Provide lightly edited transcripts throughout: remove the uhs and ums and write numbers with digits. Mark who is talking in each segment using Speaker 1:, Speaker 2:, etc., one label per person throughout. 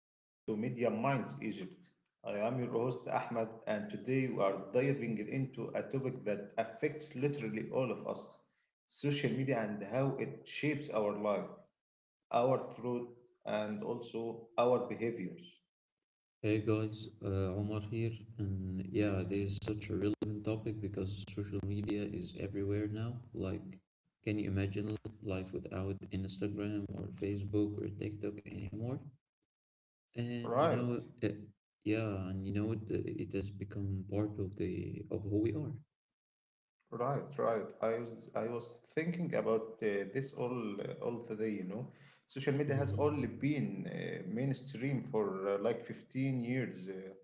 Speaker 1: welcome to Media Minds Egypt. I am your host Ahmed, and today we are diving into a topic that affects literally all of us, social media and how it shapes our life, our thought, and also our behaviors.
Speaker 2: Hey guys, Omar here, and yeah, this is such a relevant topic because social media is everywhere now. Like, can you imagine life without Instagram or Facebook or TikTok anymore? And you know,
Speaker 1: Right.
Speaker 2: yeah, and you know, it has become part of the of who we are.
Speaker 1: Right, right. I was thinking about this all the day, you know. Social media has only
Speaker 2: Hmm.
Speaker 1: been mainstream for like 15 years,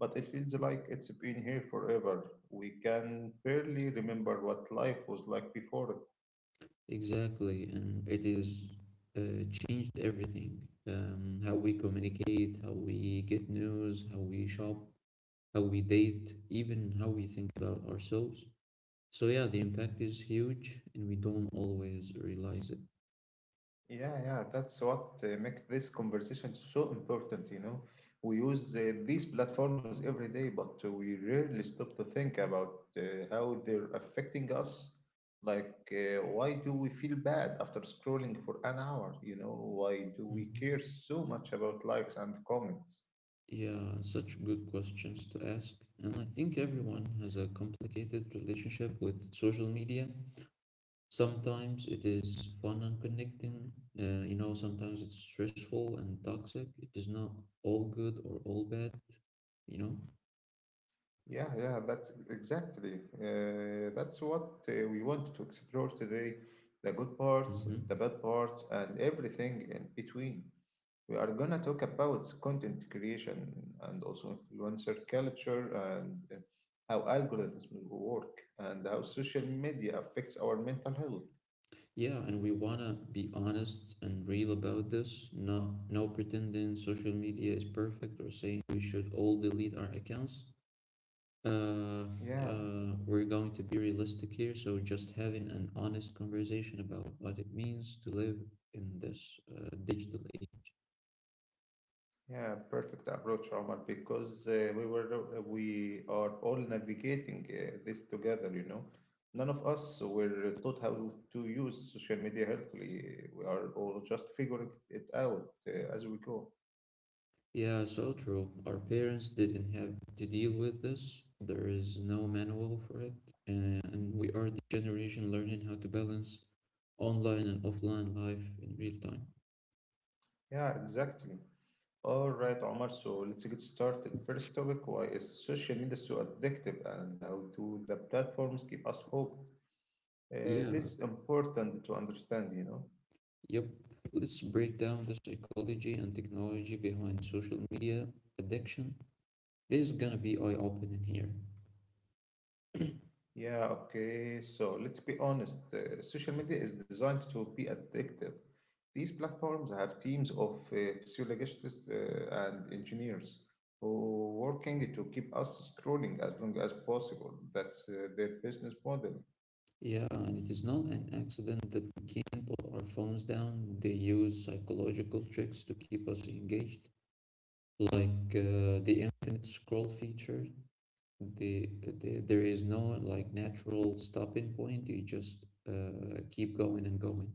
Speaker 1: but it feels like it's been here forever. We can barely remember what life was like before it.
Speaker 2: Exactly, and it is changed everything. How we communicate, how we get news, how we shop, how we date, even how we think about ourselves. So yeah, the impact is huge and we don't always realize it.
Speaker 1: Yeah, yeah, that's what makes this conversation so important, you know. We use these platforms every day, but we rarely stop to think about how they're affecting us. Why do we feel bad after scrolling for an hour? Why do we
Speaker 2: Mhm.
Speaker 1: care so much about likes and comments?
Speaker 2: Yeah, such good questions to ask. And I think everyone has a complicated relationship with social media. Sometimes it is fun and connecting, you know, sometimes it's stressful and toxic. It is not all good or all bad, you know.
Speaker 1: Yeah, yeah, that's exactly. That's what we want to explore today, the good parts, the
Speaker 2: Mm-hmm.
Speaker 1: bad parts, and everything in between. We are gonna talk about content creation and also influencer culture and how algorithms work and how social media affects our mental health.
Speaker 2: Yeah, and we wanna be honest and real about this. No, no pretending social media is perfect or saying we should all delete our accounts. Uh,
Speaker 1: Yeah,
Speaker 2: we're going to be realistic here, so just having an honest conversation about what it means to live in this digital age.
Speaker 1: yeah, perfect approach, Omar, because we are all navigating this together, you know. None of us were taught how to use social media healthily. We are all just figuring it out as we go.
Speaker 2: Yeah, so true. Our parents didn't have to deal with this. There is no manual for it. And we are the generation learning how to balance online and offline life in real time.
Speaker 1: Yeah, exactly. All right, Omar. So let's get started. First topic: why is social media so addictive, and how do the platforms keep us hooked?
Speaker 2: Yeah,
Speaker 1: This is important to understand, you know.
Speaker 2: yep. Let's break down the psychology and technology behind social media addiction. This is gonna be eye-opening here.
Speaker 1: Yeah. Okay. So let's be honest. Social media is designed to be addictive. These platforms have teams of physiologists and engineers who working to keep us scrolling as long as possible. That's their business model.
Speaker 2: Yeah, and it is not an accident that we can't put our phones down. They use psychological tricks to keep us engaged, like the infinite scroll feature. The, the there is no like natural stopping point. You just keep going and going.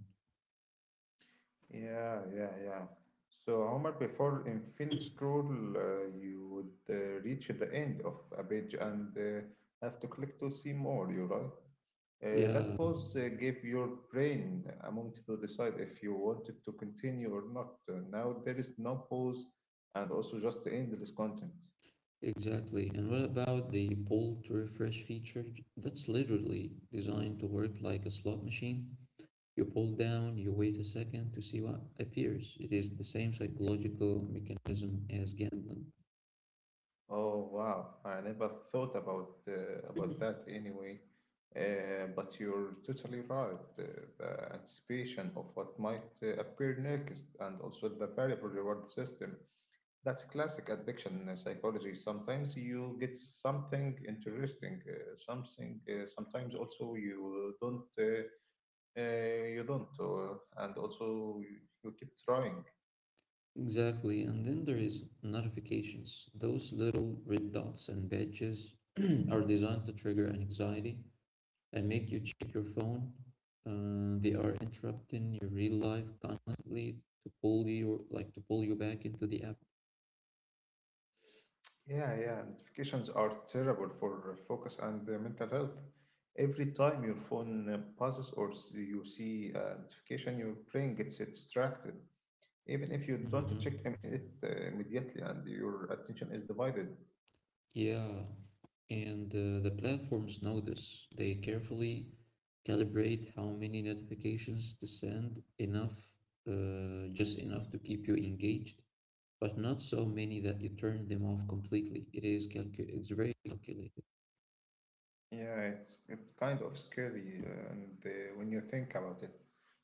Speaker 1: Yeah, yeah, yeah. So, Omar, before in field scroll, you would reach the end of a page and have to click to see more, you're right. That
Speaker 2: Yeah,
Speaker 1: pause gave your brain a moment to decide if you wanted to continue or not. Now there is no pause and also just endless content.
Speaker 2: exactly. And what about the pull to refresh feature? That's literally designed to work like a slot machine. You pull down, you wait a second to see what appears. It is the same psychological mechanism as gambling.
Speaker 1: Oh wow, I never thought about that anyway. But you're totally right. Uh, the anticipation of what might appear next, and also the variable reward system. That's classic addiction psychology. Sometimes you get something interesting, something. Sometimes also you don't. You don't, and also you keep trying.
Speaker 2: Exactly. And then there is notifications. Those little red dots and badges are designed to trigger an anxiety and make you check your phone. They are interrupting your real life constantly to pull you back into the app.
Speaker 1: Yeah, yeah. Notifications are terrible for focus and mental health. Every time your phone buzzes or you see a notification, your brain gets distracted. Even if you
Speaker 2: Hmm.
Speaker 1: don't check it immediately and your attention is divided.
Speaker 2: Yeah. And the platforms know this. They carefully calibrate how many notifications to send, enough, just enough to keep you engaged but not so many that you turn them off completely. It's very calculated.
Speaker 1: Yeah, it's kind of scary and when you think about it.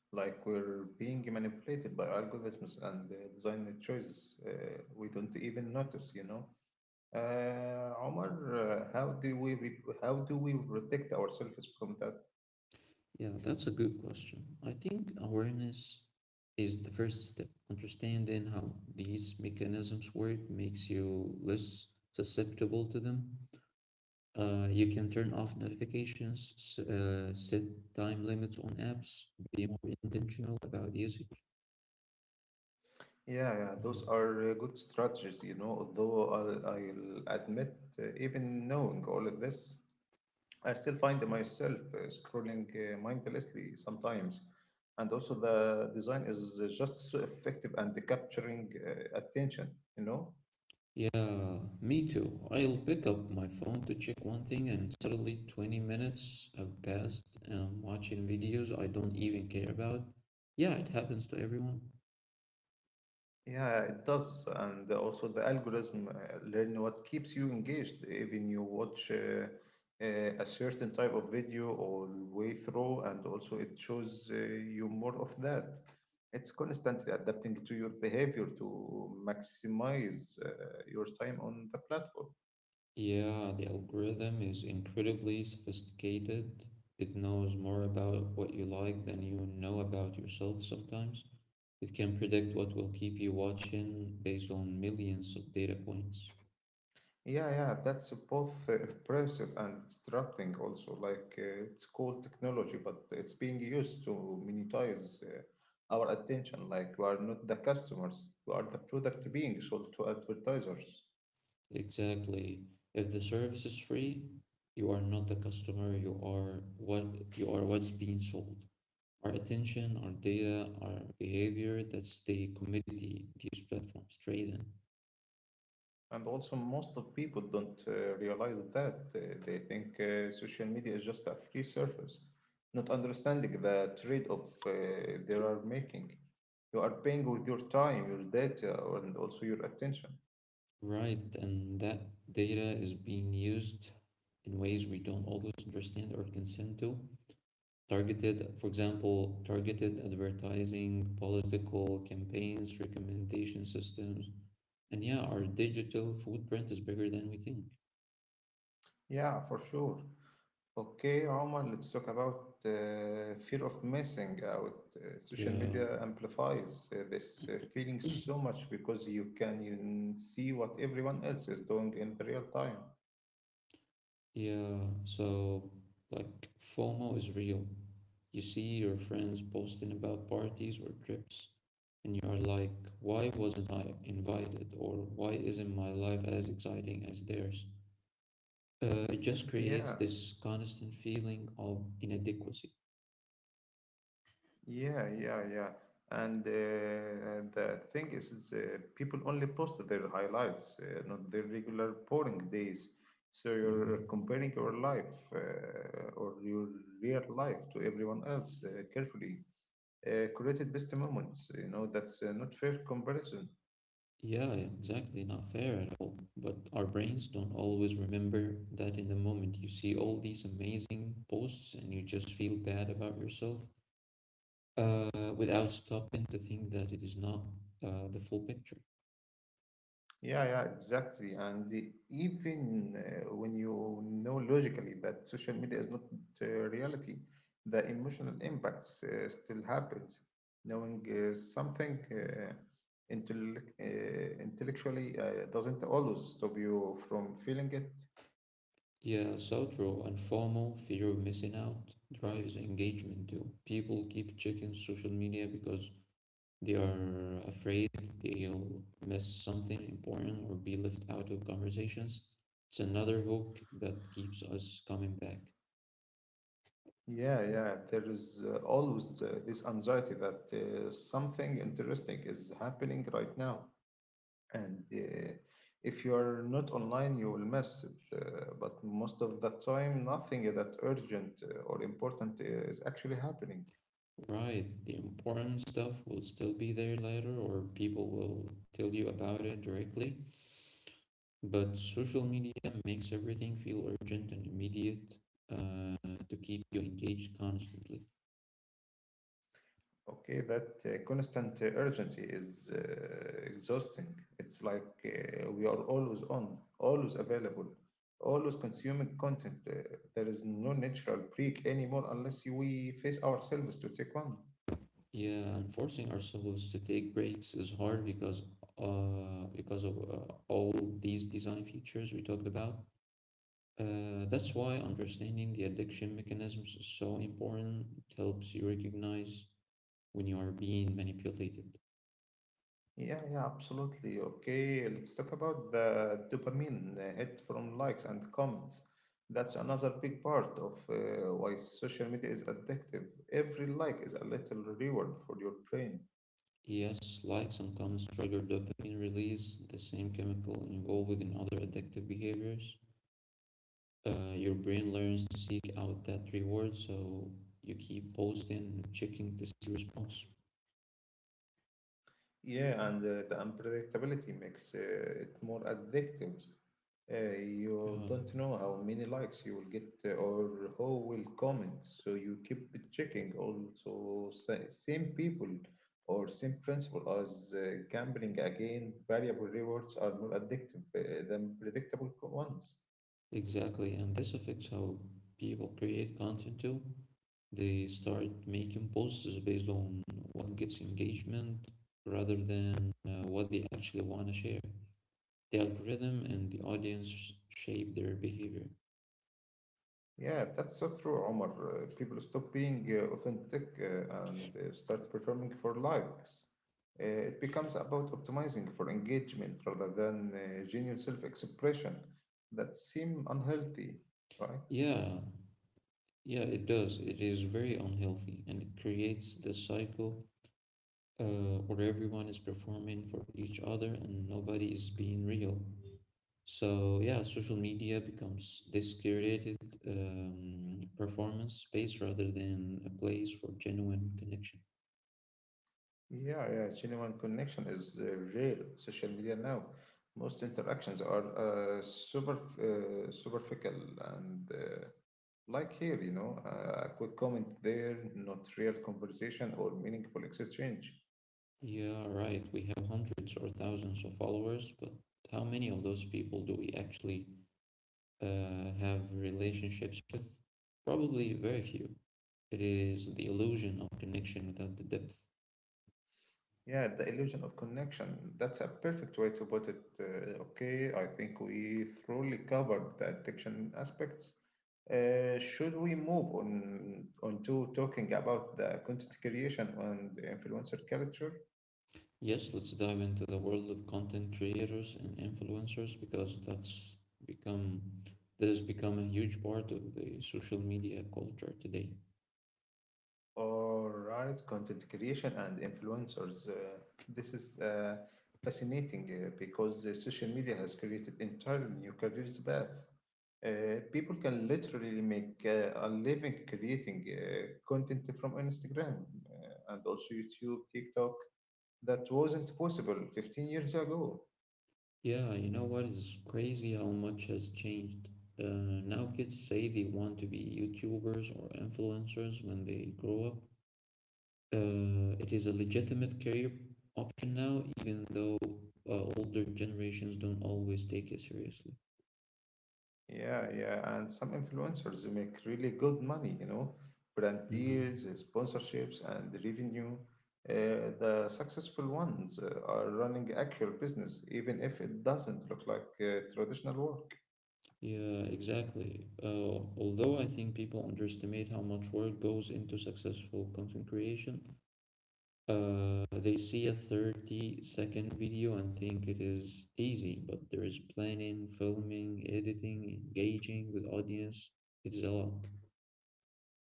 Speaker 1: Like we're being manipulated by algorithms and design choices we don't even notice, you know? Omar, how do we protect ourselves from that?
Speaker 2: Yeah, that's a good question. I think awareness is the first step. Understanding how these mechanisms work makes you less susceptible to them. You can turn off notifications, set time limits on apps, be more intentional about usage.
Speaker 1: Yeah, yeah, those
Speaker 2: Mhm.
Speaker 1: are good strategies, you know. Although I'll admit, even knowing all of this, I still find myself scrolling mindlessly sometimes. And also, the design is just so effective and capturing attention, you know.
Speaker 2: Yeah, me too. I'll pick up my phone to check one thing, and suddenly 20 minutes have passed, and I'm watching videos I don't even care about. Yeah, it happens to everyone.
Speaker 1: Yeah, it does. And also the algorithm learn what keeps you engaged. Even you watch a certain type of video all the way through, and also it shows you more of that. It's constantly adapting to your behavior to maximize your time on the platform.
Speaker 2: Yeah, the algorithm is incredibly sophisticated. It knows more about what you like than you know about yourself sometimes. It can predict what will keep you watching based on millions of data points.
Speaker 1: Yeah, yeah, that's both impressive and disrupting also. Like it's cool technology, but it's being used to monetize our attention. Like we are not the customers, we are the product being sold to advertisers.
Speaker 2: Exactly. If the service is free, you are not the customer, you are what's being sold. Our attention, our data, our behavior, that's the commodity these platforms trade in.
Speaker 1: And also, most of people don't realize that. They think social media is just a free service, not understanding the trade-off they are making. You are paying with your time, your data, and also your attention.
Speaker 2: Right, and that data is being used in ways we don't always understand or consent to. For example, targeted advertising, political campaigns, recommendation systems. And yeah, our digital footprint is bigger than we think.
Speaker 1: Yeah, for sure. Okay, Omar, let's talk about fear of missing out. Social
Speaker 2: Yeah,
Speaker 1: media amplifies this feeling so much because you can even see what everyone else is doing in the real time.
Speaker 2: yeah. So, like, FOMO is real. You see your friends posting about parties or trips, and you are like, why wasn't I invited? Or why isn't my life as exciting as theirs? It just creates
Speaker 1: Yeah,
Speaker 2: this constant feeling of inadequacy.
Speaker 1: yeah, yeah, yeah. And the thing is people only post their highlights, not their regular boring days. So you're
Speaker 2: Mhm.
Speaker 1: comparing your life or your real life to everyone else carefully created best moments. You know, that's not fair comparison.
Speaker 2: Yeah, exactly. Not fair at all. But our brains don't always remember that in the moment. You see all these amazing posts and you just feel bad about yourself without stopping to think that it is not the full picture.
Speaker 1: Yeah, yeah, exactly. And even when you know logically that social media is not reality, the emotional impacts still happens. Knowing something intellectually doesn't always stop you from feeling it.
Speaker 2: Yeah, so true. And FOMO, fear of missing out, drives engagement too. People keep checking social media because they are afraid they'll miss something important or be left out of conversations. It's another hook that keeps us coming back.
Speaker 1: Yeah, yeah, there is always this anxiety that something interesting is happening right now and if you are not online you will miss it, but most of the time nothing that urgent or important is actually happening.
Speaker 2: Right, the important stuff will still be there later, or people will tell you about it directly. But social media makes everything feel urgent and immediate uh, to keep you engaged constantly.
Speaker 1: Okay, that constant urgency is exhausting. It's like we are always on, always available, always consuming content. There is no natural break anymore unless we face ourselves to take one.
Speaker 2: Yeah, and forcing ourselves to take breaks is hard because of all these design features we talked about. That's why understanding the addiction mechanisms is so important. It helps you recognize when you are being manipulated.
Speaker 1: Yeah, yeah, absolutely. Okay, let's talk about the dopamine hit from likes and comments. That's another big part of why social media is addictive. Every like is a little reward for your brain.
Speaker 2: Yes, likes and comments trigger dopamine release, the same chemical involved in other addictive behaviors. Your brain learns to seek out that reward, so you keep posting and checking to see response.
Speaker 1: Yeah, and the unpredictability makes it more addictive. You
Speaker 2: Yeah,
Speaker 1: don't know how many likes you will get or who will comment, so you keep checking. Also, same people or same principle as gambling again, variable rewards are more addictive than predictable ones.
Speaker 2: exactly. And this affects how people create content too. They start making posts based on what gets engagement rather than what they actually want to share. The algorithm and the audience shape their behavior.
Speaker 1: Yeah, that's so true, Omar. People stop being authentic and start performing for likes. It becomes about optimizing for engagement rather than genuine self-expression. That seem unhealthy, right?
Speaker 2: Yeah, yeah, it does. It is very unhealthy and it creates the cycle where everyone is performing for each other and nobody is being real. So yeah, social media becomes this curated performance space rather than a place for genuine connection.
Speaker 1: Yeah, yeah, genuine connection is rare on social media now. Most interactions are superficial and like here, you know, a quick comment there, not real conversation or meaningful exchange.
Speaker 2: Yeah, right. We have hundreds or thousands of followers, but how many of those people do we actually have relationships with? Probably very few. It is the illusion of connection without the depth.
Speaker 1: Yeah, the illusion of connection. That's a perfect way to put it. Okay, I think we thoroughly covered the addiction aspects. Should we move on to talking about the content creation and the influencer culture?
Speaker 2: Yes, let's dive into the world of content creators and influencers because become that has become a huge part of the social media culture today.
Speaker 1: All right, content creation and influencers. This is fascinating because social media has created entirely new careers path. People can literally make a living creating content from Instagram and also YouTube, TikTok that wasn't possible 15 years ago.
Speaker 2: Yeah, you know what? It's crazy how much has changed. Now kids say they want to be YouTubers or influencers when they grow up. It is a legitimate career option now, even though older generations don't always take it seriously.
Speaker 1: Yeah, yeah, and some influencers make really good money, you know, brand
Speaker 2: Mm-hmm.
Speaker 1: deals, sponsorships, and revenue. The successful ones are running actual business, even if it doesn't look like traditional work.
Speaker 2: Yeah, exactly. Although I think people underestimate how much work goes into successful content creation, they see a 30-second video and think it is easy, but there is planning, filming, editing, engaging with audience. It is a lot.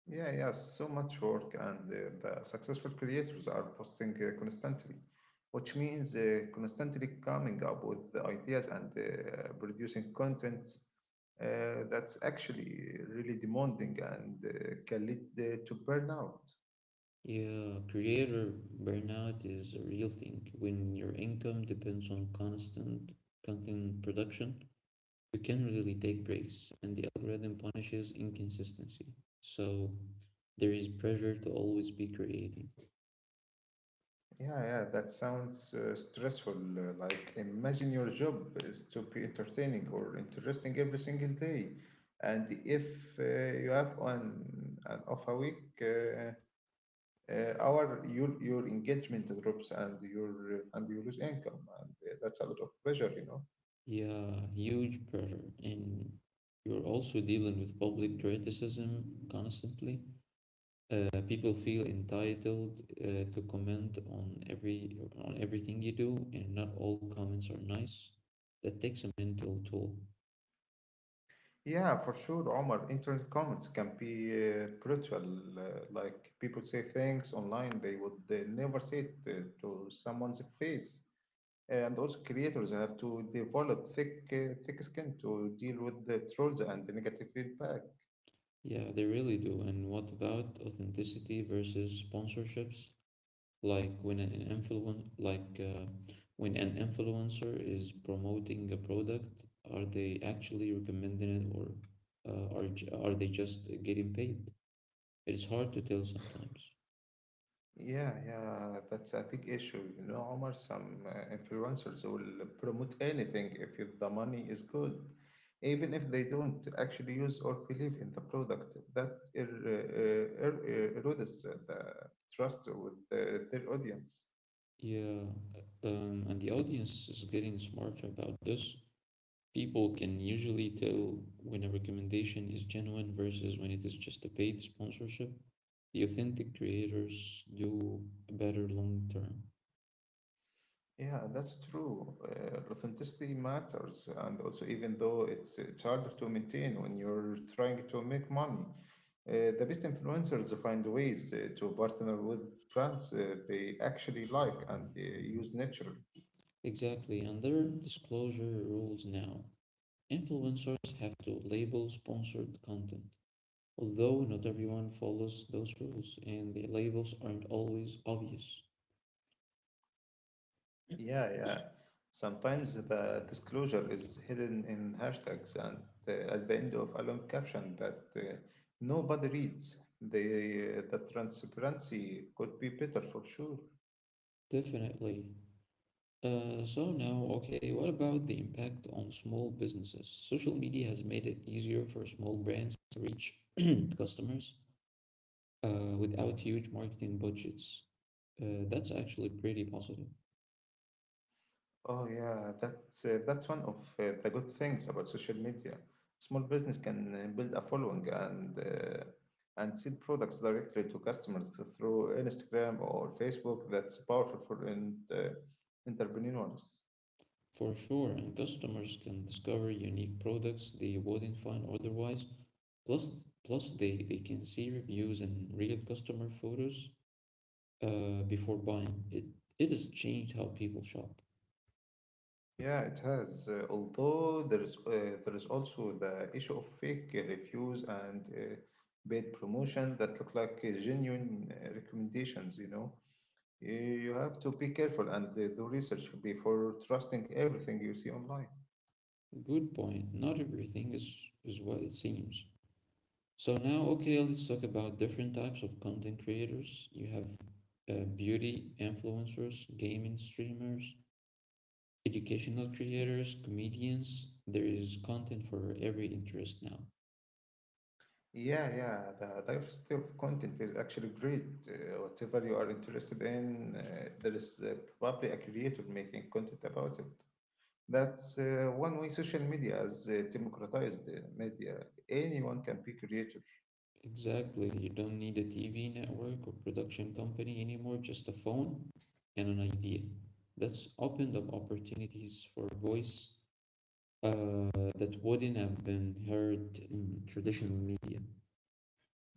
Speaker 1: Yeah, yeah, so much work, and the successful creators are posting constantly, which means constantly coming up with the ideas and producing content that's actually really demanding and can lead to burnout.
Speaker 2: Yeah, creator burnout is a real thing when your income depends on constant content production. We can really take breaks, and the algorithm punishes inconsistency. So there is pressure to always be creating.
Speaker 1: Yeah, yeah, that sounds stressful. Like, imagine your job is to be entertaining or interesting every single day, and if uh, you have on an off a week. Our your engagement drops and your and you lose income and that's a lot of pressure, you know.
Speaker 2: Yeah, huge pressure. And you're also dealing with public criticism constantly. People feel entitled to comment on everything you do, and not all comments are nice. That takes a mental toll.
Speaker 1: Yeah, for sure, Omar, internet comments can be brutal. Like people say things online they would never say it to someone's face, and those creators have to develop thick skin to deal with the trolls and the negative feedback.
Speaker 2: Yeah, they really do. And what about authenticity versus sponsorships? Like when an influencer is promoting a product, are they actually recommending it, or are they just getting paid? It's hard to tell sometimes.
Speaker 1: Yeah, yeah, that's a big issue. You know, Omar, some influencers will promote anything if the money is good, even if they don't actually use or believe in the product. That erodes the trust with their audience.
Speaker 2: Yeah. And the audience is getting smarter about this. People can usually tell when a recommendation is genuine versus when it is just a paid sponsorship. The authentic creators do better long term.
Speaker 1: Yeah, that's true. Authenticity matters, and also even though it's harder to maintain when you're trying to make money, the best influencers find ways to partner with brands they actually like and use naturally.
Speaker 2: Exactly, under disclosure rules now, influencers have to label sponsored content, although not everyone follows those rules and the labels aren't always obvious.
Speaker 1: Yeah, yeah. Sometimes the disclosure is hidden in hashtags and at the end of a long caption that nobody reads. The transparency could be better for sure.
Speaker 2: Definitely. So now, okay, what about the impact on small businesses? Social media has made it easier for small brands to reach customers without huge marketing budgets. That's actually pretty positive.
Speaker 1: Oh yeah, that's that's one of the good things about social media. Small business can build a following and and sell products directly to customers through Instagram or Facebook. That's powerful for entrepreneurs.
Speaker 2: For sure, and customers can discover unique products they wouldn't find otherwise. Plus, plus they can see reviews and real customer photos before buying. It has changed how people shop.
Speaker 1: Yeah, it has. Although there is also the issue of fake reviews and paid promotion that look like genuine recommendations. You know, you have to be careful and do research before trusting everything you see online.
Speaker 2: Good point. Not everything is what it seems. So now, okay, let's talk about different types of content creators. You have beauty influencers, gaming streamers, educational creators, comedians. There is content for every interest now.
Speaker 1: Yeah, yeah, the diversity of content is actually great. Whatever you are interested in, there is probably a creator making content about it. That's one way social media has democratized media. Anyone can be creator.
Speaker 2: Exactly. You don't need a TV network or production company anymore, just a phone and an idea. That's opened up opportunities for voice that wouldn't have been heard in traditional media.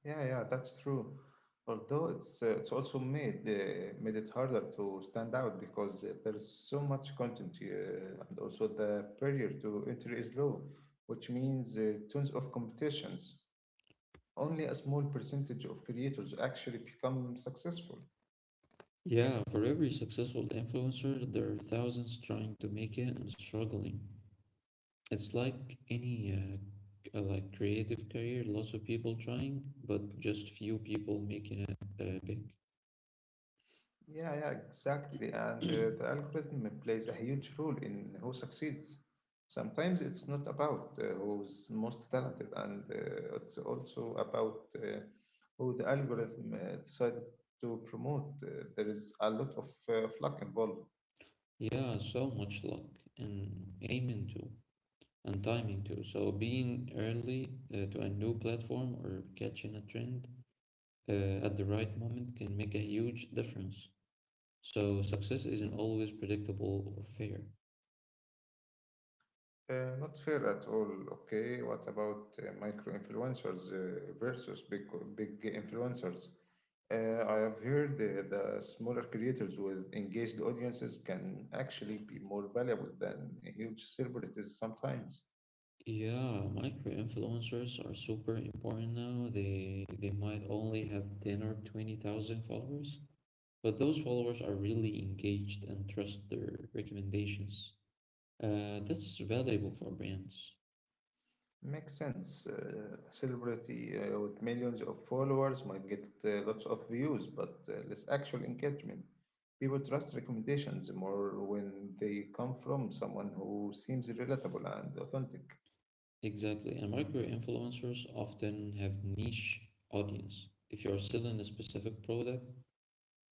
Speaker 1: Yeah, yeah, that's true. Although it's also made it harder to stand out because there is so much content here, and also the barrier to entry is low, which means tons of competitions. Only a small percentage of creators actually become successful.
Speaker 2: Yeah, for every successful influencer, there are thousands trying to make it and struggling. It's like any like creative career, lots of people trying, but just few people making it big.
Speaker 1: Yeah, yeah, exactly. And the algorithm plays a huge role in who succeeds. Sometimes it's not about who's most talented, and it's also about who the algorithm decided to promote. There is a lot of luck involved.
Speaker 2: Yeah, so much luck and aiming too, and timing too. So being early to a new platform or catching a trend at the right moment can make a huge difference. So success isn't always predictable or fair.
Speaker 1: Not fair at all. Okay, what about micro influencers versus big influencers? I have heard the smaller creators with engaged audiences can actually be more valuable than huge celebrities sometimes.
Speaker 2: Yeah, micro influencers are super important now. They might only have 10 or 20,000 followers, but those followers are really engaged and trust their recommendations. That's valuable for brands.
Speaker 1: Makes sense. A celebrity with millions of followers might get lots of views, but less actual engagement. People trust recommendations more when they come from someone who seems relatable and authentic.
Speaker 2: Exactly, and micro influencers often have niche audience. If you're selling a specific product,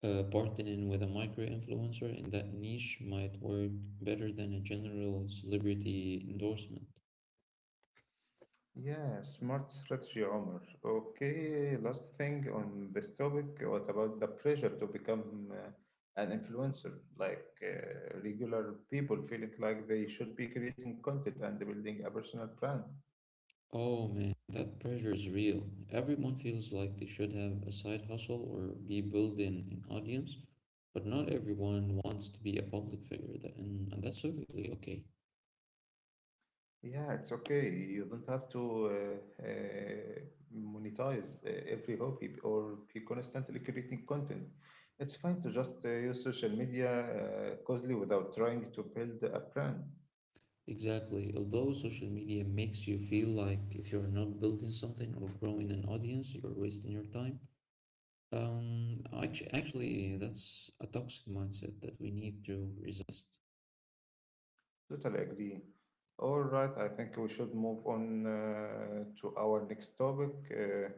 Speaker 2: partnering with a micro influencer in that niche might work better than a general celebrity endorsement.
Speaker 1: Yeah, smart strategy, Omar. Okay, last thing on this topic. What about the pressure to become an influencer? Like regular people feeling like they should be creating content and building a personal brand.
Speaker 2: Oh man, that pressure is real. Everyone feels like they should have a side hustle or be building an audience, but not everyone wants to be a public figure, and that's totally okay.
Speaker 1: Yeah, it's okay. You don't have to monetize every hobby or be constantly creating content. It's fine to just use social media closely without trying to build a brand.
Speaker 2: Exactly. Although social media makes you feel like if you're not building something or growing an audience, you're wasting your time. Um, actually, that's a toxic mindset that we need to resist.
Speaker 1: Totally agree. All right, I think we should move on to our next topic.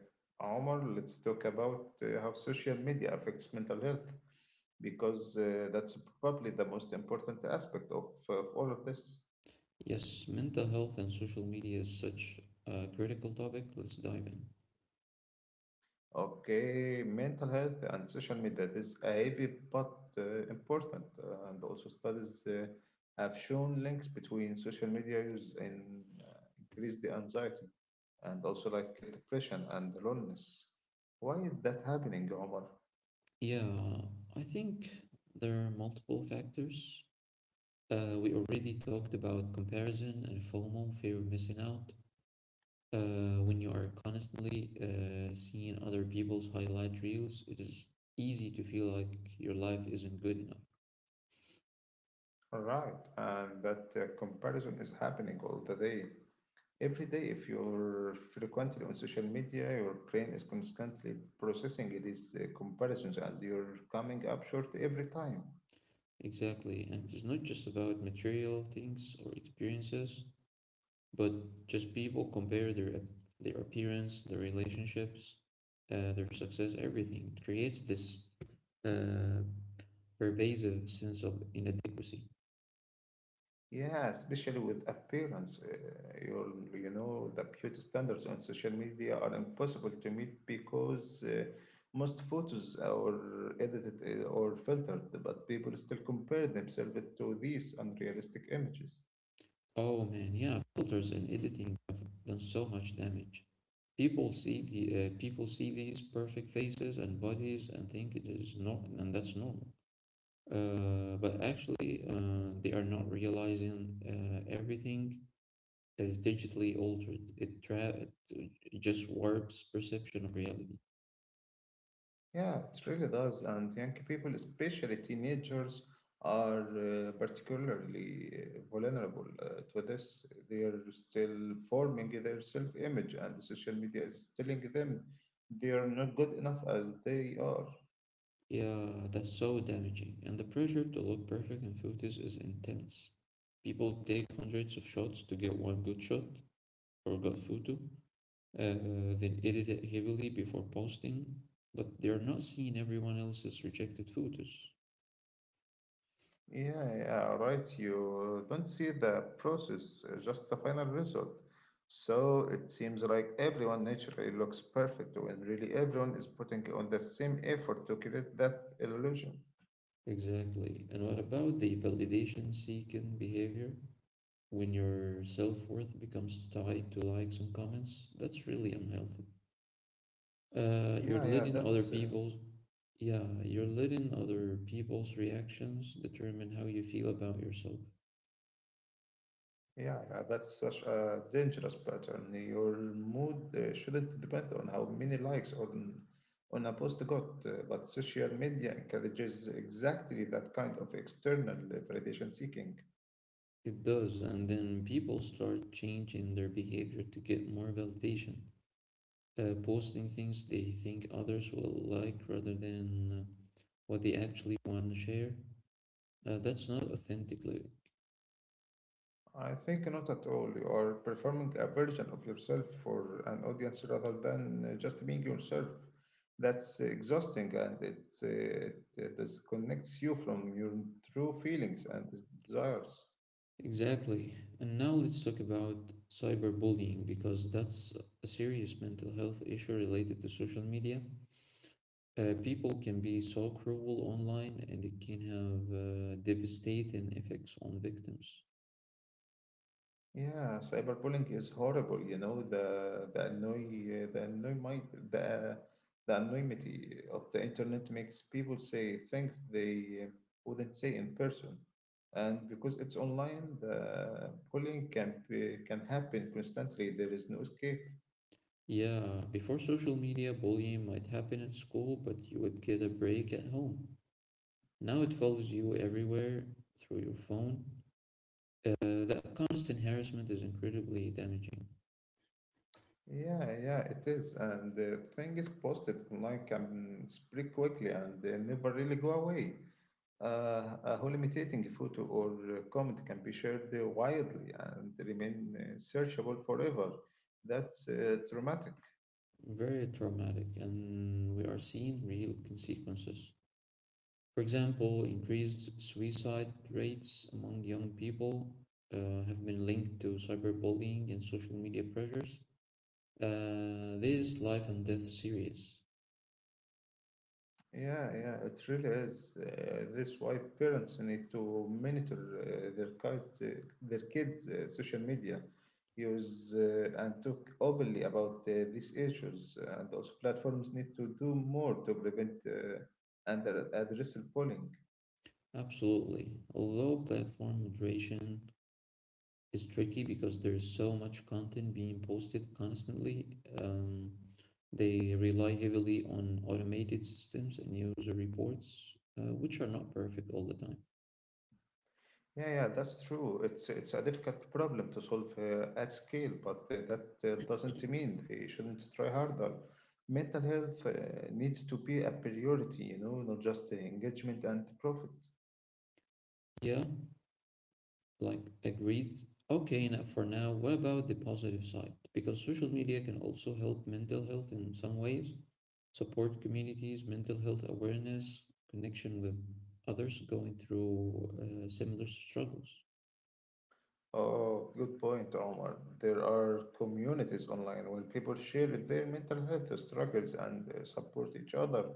Speaker 1: Omar, let's talk about how social media affects mental health because that's probably the most important aspect of all of this.
Speaker 2: Yes, mental health and social media is such a critical topic. Let's dive in.
Speaker 1: Okay, mental health and social media is a heavy but important, and also studies have shown links between social media use and increased anxiety and also like the depression and loneliness. Why is that happening, Omar?
Speaker 2: Yeah, I think there are multiple factors. We already talked about comparison and FOMO, fear of missing out. When you are constantly seeing other people's highlight reels, it is easy to feel like your life isn't good enough.
Speaker 1: Right, and that comparison is happening all the day. Every day, if you're frequently on social media, your brain is constantly processing these comparisons and you're coming up short every time.
Speaker 2: Exactly, and it is not just about material things or experiences, but just people compare their appearance, their relationships, their success, everything. It creates this uh, pervasive sense of inadequacy.
Speaker 1: Yeah, especially with appearance. You know, the beauty standards on social media are impossible to meet because most photos are edited or filtered, but people still compare themselves to these unrealistic images.
Speaker 2: Oh man, yeah, filters and editing have done so much damage. People see these perfect faces and bodies and think it is normal, and that's normal. But actually, they are not realizing everything is digitally altered. It just warps perception of reality.
Speaker 1: Yeah, it really does. And young people, especially teenagers, are particularly vulnerable to this. They are still forming their self image, and the social media is telling them they are not good enough as they are.
Speaker 2: Yeah, that's so damaging. And the pressure to look perfect in photos is intense. People take hundreds of shots to get one good shot or good photo they edit it heavily before posting, but they're not seeing everyone else's rejected photos.
Speaker 1: Yeah, yeah, right. You don't see the process, just the final result. So it seems like everyone naturally looks perfect when really everyone is putting on the same effort to create that illusion.
Speaker 2: Exactly. And what about the validation seeking behavior? When your self worth becomes tied to likes and comments, that's really unhealthy. Uh, you're
Speaker 1: Yeah, yeah,
Speaker 2: letting other
Speaker 1: that's uh,
Speaker 2: people's yeah, you're letting other people's reactions determine how you feel about yourself.
Speaker 1: yeah, yeah, that's such a dangerous pattern. Your mood shouldn't depend on how many likes on a post got, but social media encourages exactly that kind of external validation seeking.
Speaker 2: It does, and then people start changing their behavior to get more validation. Posting things they think others will like rather than uh, what they actually want to share. That's not authentic.
Speaker 1: I think not at all. You are performing a version of yourself for an audience rather than just being yourself. That's exhausting and it disconnects you from your true feelings and desires.
Speaker 2: Exactly. And now let's talk about cyberbullying because that's a serious mental health issue related to social media. People can be so cruel online and it can have devastating effects on victims.
Speaker 1: Yeah, cyberbullying is horrible, you know, the annoy the the anonymity of the internet makes people say things they wouldn't say in person. And because it's online, the bullying can be, can happen constantly. There is no escape.
Speaker 2: Yeah, before social media, bullying might happen at school, but you would get a break at home. Now it follows you everywhere through your phone. That constant harassment is incredibly damaging,
Speaker 1: Yeah, yeah, it is. And the thing is posted online can spread quickly and they never really go away. A hallucinating photo or comment can be shared widely and remain searchable forever. That's dramatic.
Speaker 2: very traumatic, and we are seeing real consequences. For example, increased suicide rates among young people have been linked to cyberbullying and social media pressures. This life and death serious.
Speaker 1: Yeah, yeah, it really is. That's why parents need to monitor their kids' social media use and talk openly about these issues. And also, platforms need to do more to prevent and address bullying.
Speaker 2: Absolutely. Although platform moderation is tricky because there's so much content being posted constantly. Um, they rely heavily on automated systems and user reports, which are not perfect all the time.
Speaker 1: Yeah, yeah, that's true. It's a difficult problem to solve at scale, but that doesn't mean they shouldn't try harder. Mental health needs to be a priority, you know, not just engagement and profit.
Speaker 2: Yeah, like agreed. Okay, now for now, what about the positive side? Because social media can also help mental health in some ways: support communities, mental health awareness, connection with others going through similar struggles.
Speaker 1: Oh, good point, Omar. There are communities online where people share their mental health struggles and support each other.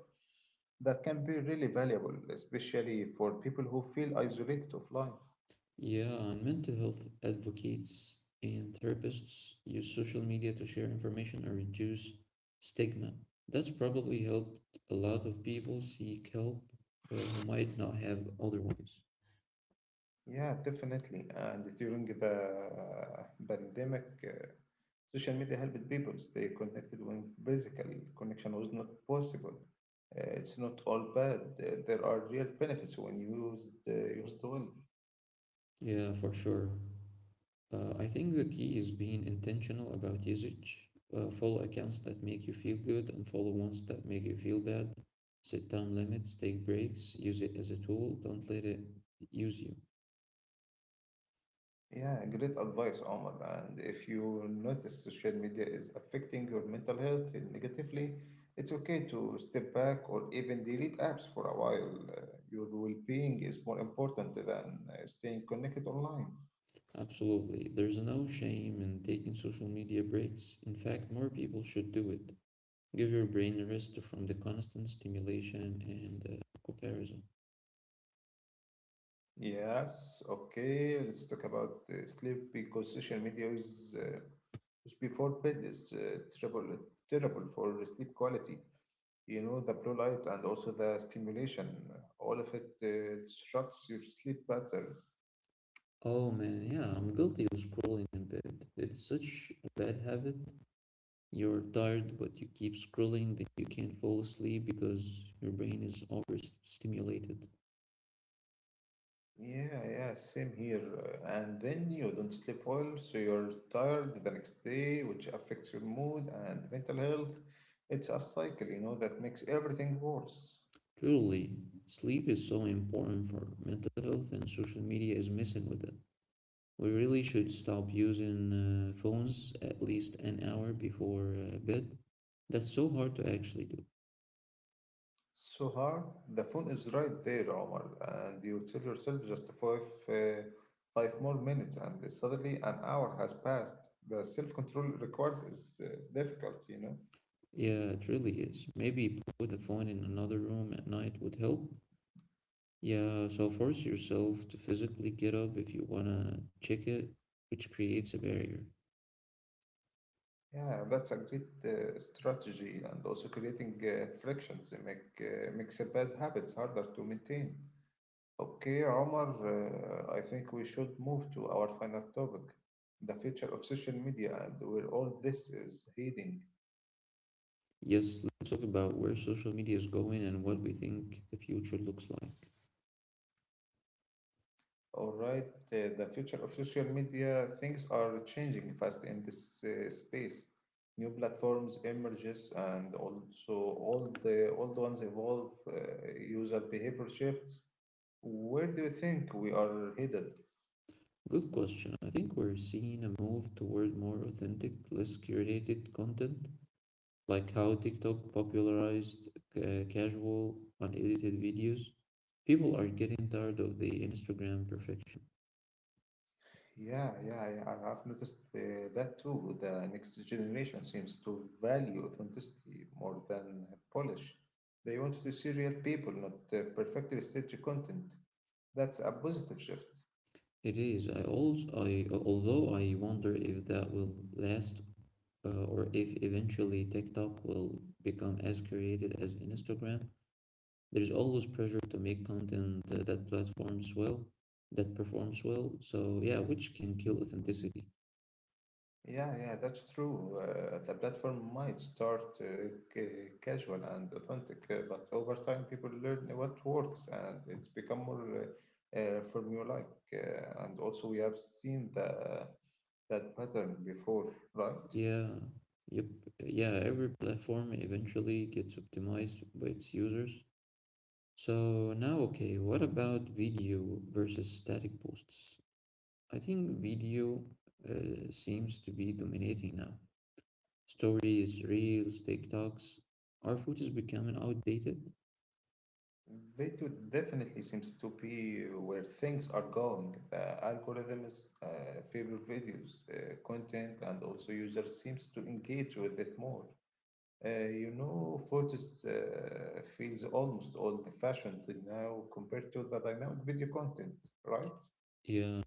Speaker 1: That can be really valuable, especially for people who feel isolated offline.
Speaker 2: Yeah, and mental health advocates and therapists use social media to share information and reduce stigma. That's probably helped a lot of people seek help who might not have otherwise.
Speaker 1: Yeah, definitely. And during the pandemic, social media helped people stay connected when physical connection was not possible. It's not all bad. There are real benefits when used well.
Speaker 2: Yeah, for sure. I think the key is being intentional about usage. Follow accounts that make you feel good and follow ones that make you feel bad. Set time limits, take breaks, use it as a tool, don't let it use you.
Speaker 1: Yeah, great advice, Omar. And if you notice social media is affecting your mental health negatively, it's okay to step back or even delete apps for a while. Your well-being is more important than staying connected online.
Speaker 2: Absolutely. There's no shame in taking social media breaks. In fact, more people should do it. Give your brain a rest from the constant stimulation and comparison.
Speaker 1: Yes, okay. Let's talk about sleep because social media is before bed is terrible for sleep quality. You know, the blue light and also the stimulation, all of it disrupts your sleep pattern.
Speaker 2: Oh man, yeah, I'm guilty of scrolling in bed. It's such a bad habit. You're tired, but you keep scrolling that you can't fall asleep because your brain is overstimulated.
Speaker 1: Yeah, yeah, same here. And then you don't sleep well, so you're tired the next day, which affects your mood and mental health. It's a cycle, you know, that makes everything worse.
Speaker 2: Truly, sleep is so important for mental health, and social media is messing with it. We really should stop using phones at least an hour before bed. That's so hard to actually do.
Speaker 1: So hard. The phone is right there, Omar, and you tell yourself just five more minutes, and suddenly an hour has passed. The self-control required is difficult, you know.
Speaker 2: Yeah, it really is. Maybe put the phone in another room at night would help. Yeah, so force yourself to physically get up if you wanna check it, which creates a barrier.
Speaker 1: Yeah, that's a great strategy, and also creating frictions that makes a bad habits harder to maintain. Okay, Omar, I think we should move to our final topic, the future of social media and where all this is heading.
Speaker 2: Yes, let's talk about where social media is going and what we think the future looks like.
Speaker 1: All right, the future of social media, things are changing fast in this space. New platforms emerges and also all the old ones evolve, user behavior shifts. Where do you think we are headed?
Speaker 2: Good question. I think we're seeing a move toward more authentic, less curated content like how TikTok popularized casual, unedited videos. People are getting tired of the Instagram perfection.
Speaker 1: Yeah, yeah, I've noticed that too. The next generation seems to value authenticity more than polish. They want to see real people, not perfectly staged content. That's a positive shift.
Speaker 2: It is. I although I wonder if that will last, or if eventually TikTok will become as created as Instagram. There is always pressure to make content that performs well. So yeah, which can kill authenticity.
Speaker 1: Yeah, yeah, that's true. The platform might start casual and authentic, but over time, people learn what works and it's become more formulaic. And also, we have seen that pattern before, right?
Speaker 2: Yeah, yep, yeah, every platform eventually gets optimized by its users. So now, okay, what about video versus static posts? I think video seems to be dominating now. Stories, reels, TikToks. Our food is becoming outdated.
Speaker 1: Video definitely seems to be where things are going. The algorithms favor videos content, and also users seems to engage with it more. You know, photos feels almost old-fashioned now compared to the dynamic video content, right?
Speaker 2: Yeah,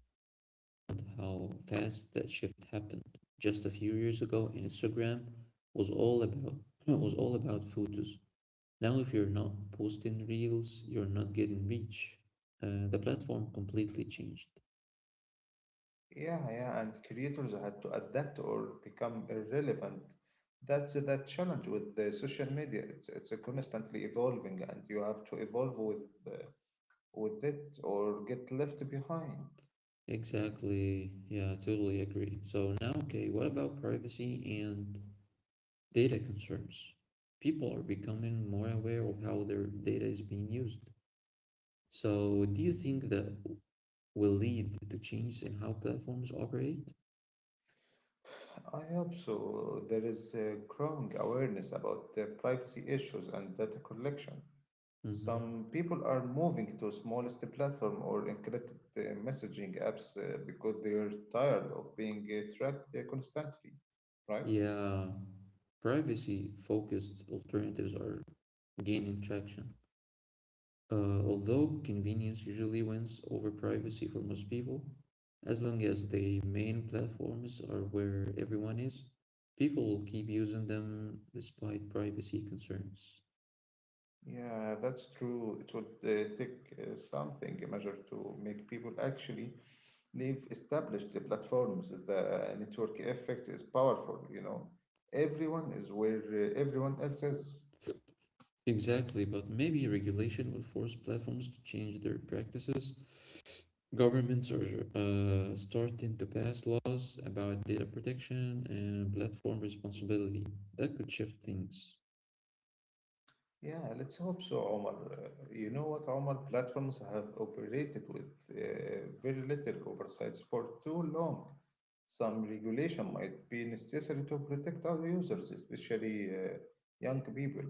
Speaker 2: but how fast that shift happened. Just a few years ago, Instagram was all about was all about photos. Now, if you're not posting reels, you're not getting reach. The platform completely changed.
Speaker 1: Yeah, yeah, and creators had to adapt or become irrelevant. That's the challenge with the social media. It's constantly evolving, and you have to evolve with it or get left behind.
Speaker 2: Exactly. Yeah, I totally agree. So now, okay, what about privacy and data concerns? People are becoming more aware of how their data is being used. So, do you think that will lead to change in how platforms operate?
Speaker 1: I hope so. There is a growing awareness about the privacy issues and data collection.
Speaker 2: Hmm.
Speaker 1: Some people are moving to smallest platform or encrypted messaging apps because they are tired of being tracked constantly, right?
Speaker 2: Yeah, privacy-focused alternatives are gaining traction. Although convenience usually wins over privacy for most people, as long as the main platforms are where everyone is, people will keep using them despite privacy concerns.
Speaker 1: Yeah, that's true. It would take something, a measure to make people actually leave established platforms. The network effect is powerful, you know. Everyone is where everyone else is.
Speaker 2: Exactly, but maybe regulation will force platforms to change their practices. Governments are starting to pass laws about data protection and platform responsibility. That could shift things.
Speaker 1: Yeah, let's hope so, Omar. You know what, Omar? Platforms have operated with very little oversights for too long. Some regulation might be necessary to protect our users, especially young people.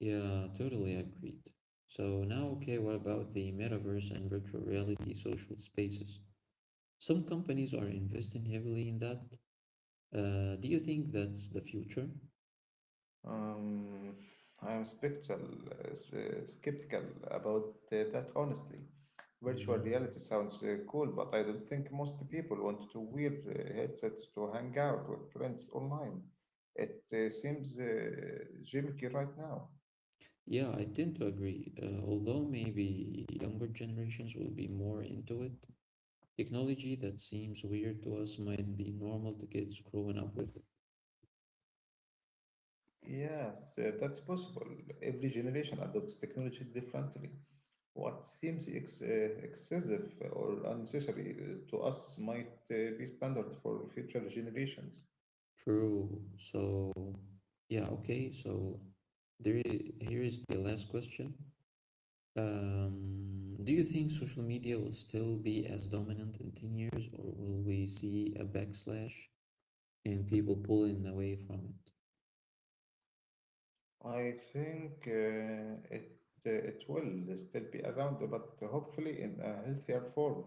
Speaker 2: Yeah, totally agreed. So now, okay, what about the metaverse and virtual reality social spaces? Some companies are investing heavily in that. Do you think that's the future?
Speaker 1: Um, I am skeptical about that, honestly. Virtual
Speaker 2: Hmm.
Speaker 1: reality sounds cool, but I don't think most people want to wear headsets to hang out with friends online. It seems gimmicky right now.
Speaker 2: Yeah, I tend to agree. Although maybe younger generations will be more into it, technology that seems weird to us might be normal to kids growing up with it.
Speaker 1: Yes, that's possible. Every generation adopts technology differently. What seems excessive or unnecessary to us might be standard for future generations.
Speaker 2: True. So, yeah, okay. So here is the last question. Do you think social media will still be as dominant in 10 years, or will we see a backslash and people pulling away from it?
Speaker 1: I think it will still be around, but hopefully in a healthier form.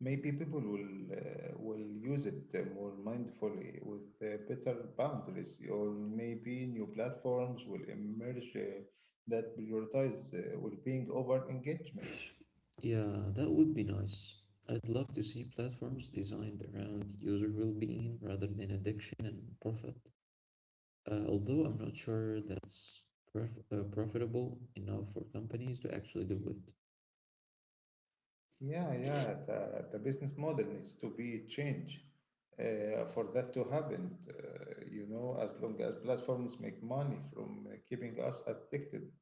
Speaker 1: Maybe people will use it more mindfully with better boundaries, or maybe new platforms will emerge that prioritize well-being over engagement.
Speaker 2: Yeah, that would be nice. I'd love to see platforms designed around user well-being rather than addiction and profit. Although I'm not sure that's profitable enough for companies to actually do it.
Speaker 1: Yeah, yeah, the business model needs to be changed for that to happen. You know, as long as platforms make money from keeping us addicted.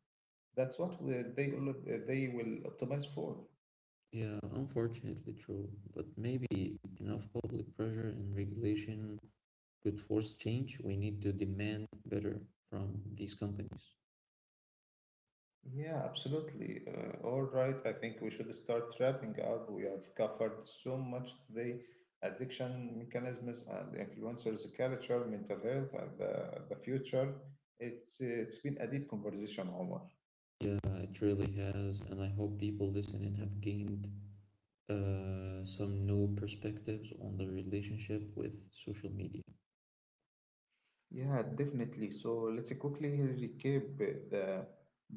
Speaker 1: They will optimize for.
Speaker 2: Yeah, unfortunately true, but maybe enough public pressure and regulation could force change. We need to demand better from these companies.
Speaker 1: Yeah, absolutely. All right. I think we should start wrapping up. We have covered so much today: addiction mechanisms and influencers, culture, mental health, and the future. It's been a deep conversation, Omar.
Speaker 2: Yeah, it really has, and I hope people listening have gained some new perspectives on the relationship with social media.
Speaker 1: Yeah, definitely. So let's quickly recap the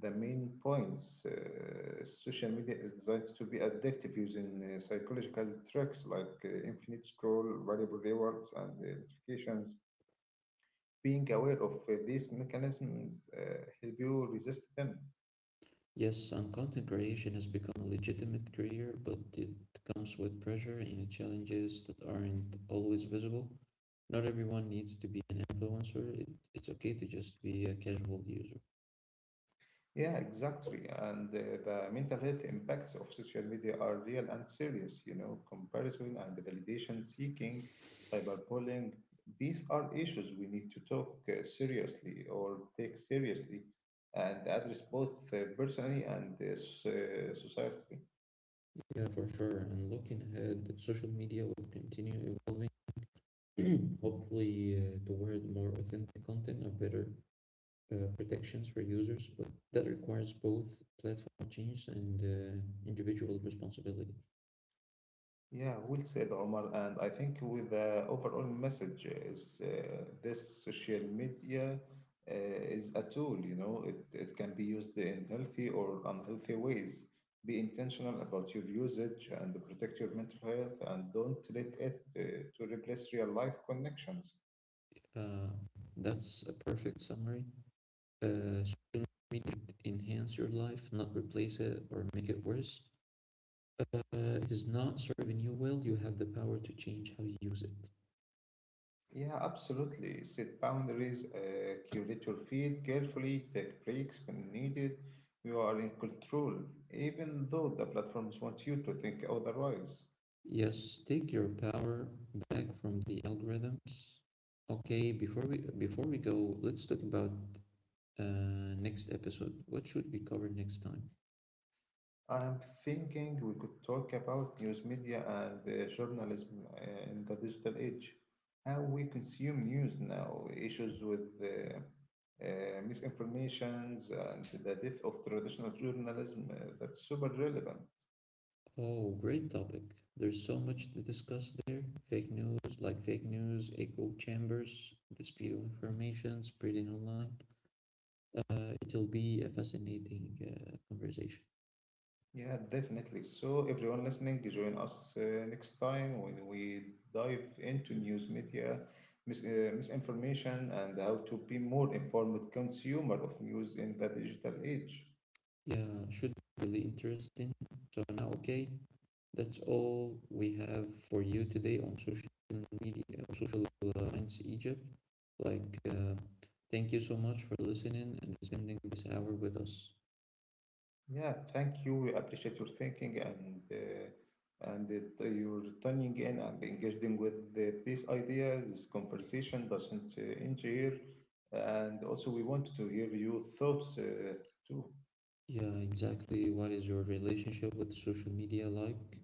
Speaker 1: the main points. Social media is designed to be addictive using psychological tricks like infinite scroll, variable rewards, and notifications. Being aware of these mechanisms help you resist them.
Speaker 2: Yes, and content creation has become a legitimate career, but it comes with pressure and challenges that aren't always visible. Not everyone needs to be an influencer. It's okay to just be a casual user.
Speaker 1: Yeah, exactly. And the mental health impacts of social media are real and serious. You know, comparison and validation seeking, cyberbullying, these are issues we need to talk seriously or take seriously and address both personally and society.
Speaker 2: Yeah, for sure. And looking ahead, social media will continue evolving, hopefully toward more authentic content and better protections for users. But that requires both platform change and individual responsibility.
Speaker 1: Yeah, well said, Omar. And I think with the overall message is this social media uh, is a tool, you know, it can be used in healthy or unhealthy ways. Be intentional about your usage and protect your mental health and don't let it to replace real life connections.
Speaker 2: Uh, that's a perfect summary. Social media should enhance your life, not replace it or make it worse. It is not serving you well. You have the power to change how you use it.
Speaker 1: Yeah, absolutely. Set boundaries, curate your feed carefully, take breaks when needed. You are in control, even though the platforms want you to think otherwise.
Speaker 2: Yes, take your power back from the algorithms. Okay, before we go, let's talk about next episode. What should we cover next time?
Speaker 1: I'm thinking we could talk about news media and the journalism in the digital age. How we consume news now, issues with misinformations and the death of traditional journalism, that's super relevant.
Speaker 2: Oh, great topic. There's so much to discuss there. Fake news, echo chambers, the speed of information spreading online. It'll be a fascinating conversation.
Speaker 1: Yeah, definitely. So, everyone listening, join us next time when we dive into news media, misinformation, and how to be more informed consumer of news in the digital age.
Speaker 2: Yeah, should be really interesting. So now, okay, that's all we have for you today on social media, social minds Egypt. Like, uh, thank you so much for listening and spending this hour with us.
Speaker 1: Yeah, thank you. We appreciate your thinking and that you're tuning in and engaging with these ideas. This conversation doesn't end here, and also we want to hear your thoughts too.
Speaker 2: Yeah, exactly. What is your relationship with social media like?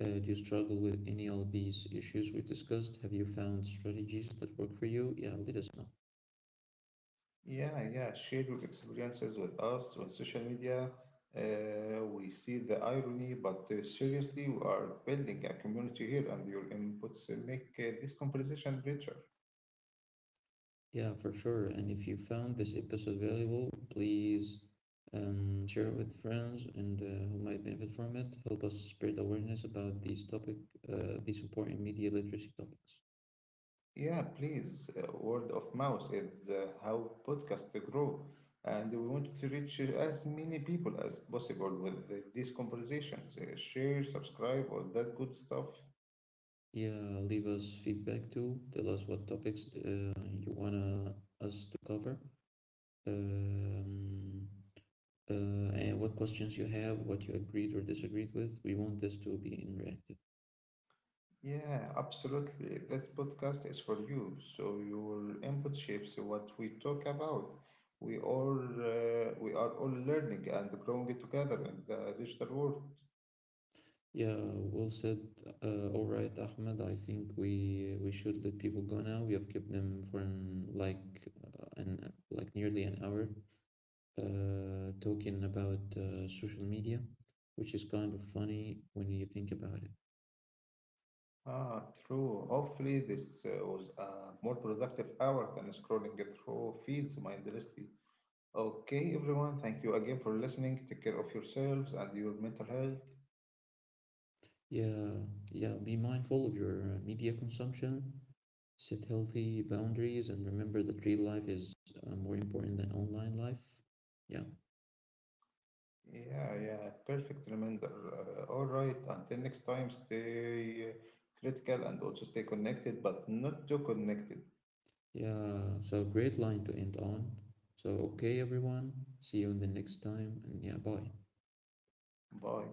Speaker 2: Do you struggle with any of these issues we discussed? Have you found strategies that work for you? Yeah, let us know.
Speaker 1: Yeah, yeah, share your experiences with us on social media. We see the irony, but seriously, we are building a community here, and your inputs make this conversation richer.
Speaker 2: Yeah, for sure. And if you found this episode valuable, please share it with friends and who might benefit from it. Help us spread awareness about these important media literacy topics.
Speaker 1: Yeah, please, word of mouth is how podcasts grow, and we want to reach as many people as possible with these conversations. Share, subscribe, all that good stuff.
Speaker 2: Yeah, leave us feedback too. Tell us what topics you wanna us to cover, um, and what questions you have, what you agreed or disagreed with. We want this to be interactive.
Speaker 1: Yeah, absolutely. This podcast is for you, so your input shapes what we talk about. We are all learning and growing together in the digital world.
Speaker 2: Yeah, well said. All right, Ahmed. I think we should let people go now. We have kept them for an like nearly an hour, talking about social media, which is kind of funny when you think about it.
Speaker 1: Ah, true. Hopefully, this was a more productive hour than scrolling through feeds mindlessly. Okay, everyone, thank you again for listening. Take care of yourselves and your mental health.
Speaker 2: Yeah, yeah. Be mindful of your media consumption. Set healthy boundaries and remember that real life is more important than online life. Yeah.
Speaker 1: Yeah, yeah, perfect reminder. All right, until next time, stay critical and also stay connected, but not too connected.
Speaker 2: Yeah, so great line to end on. So, okay, everyone, see you in the next time, and yeah, bye.
Speaker 1: Bye.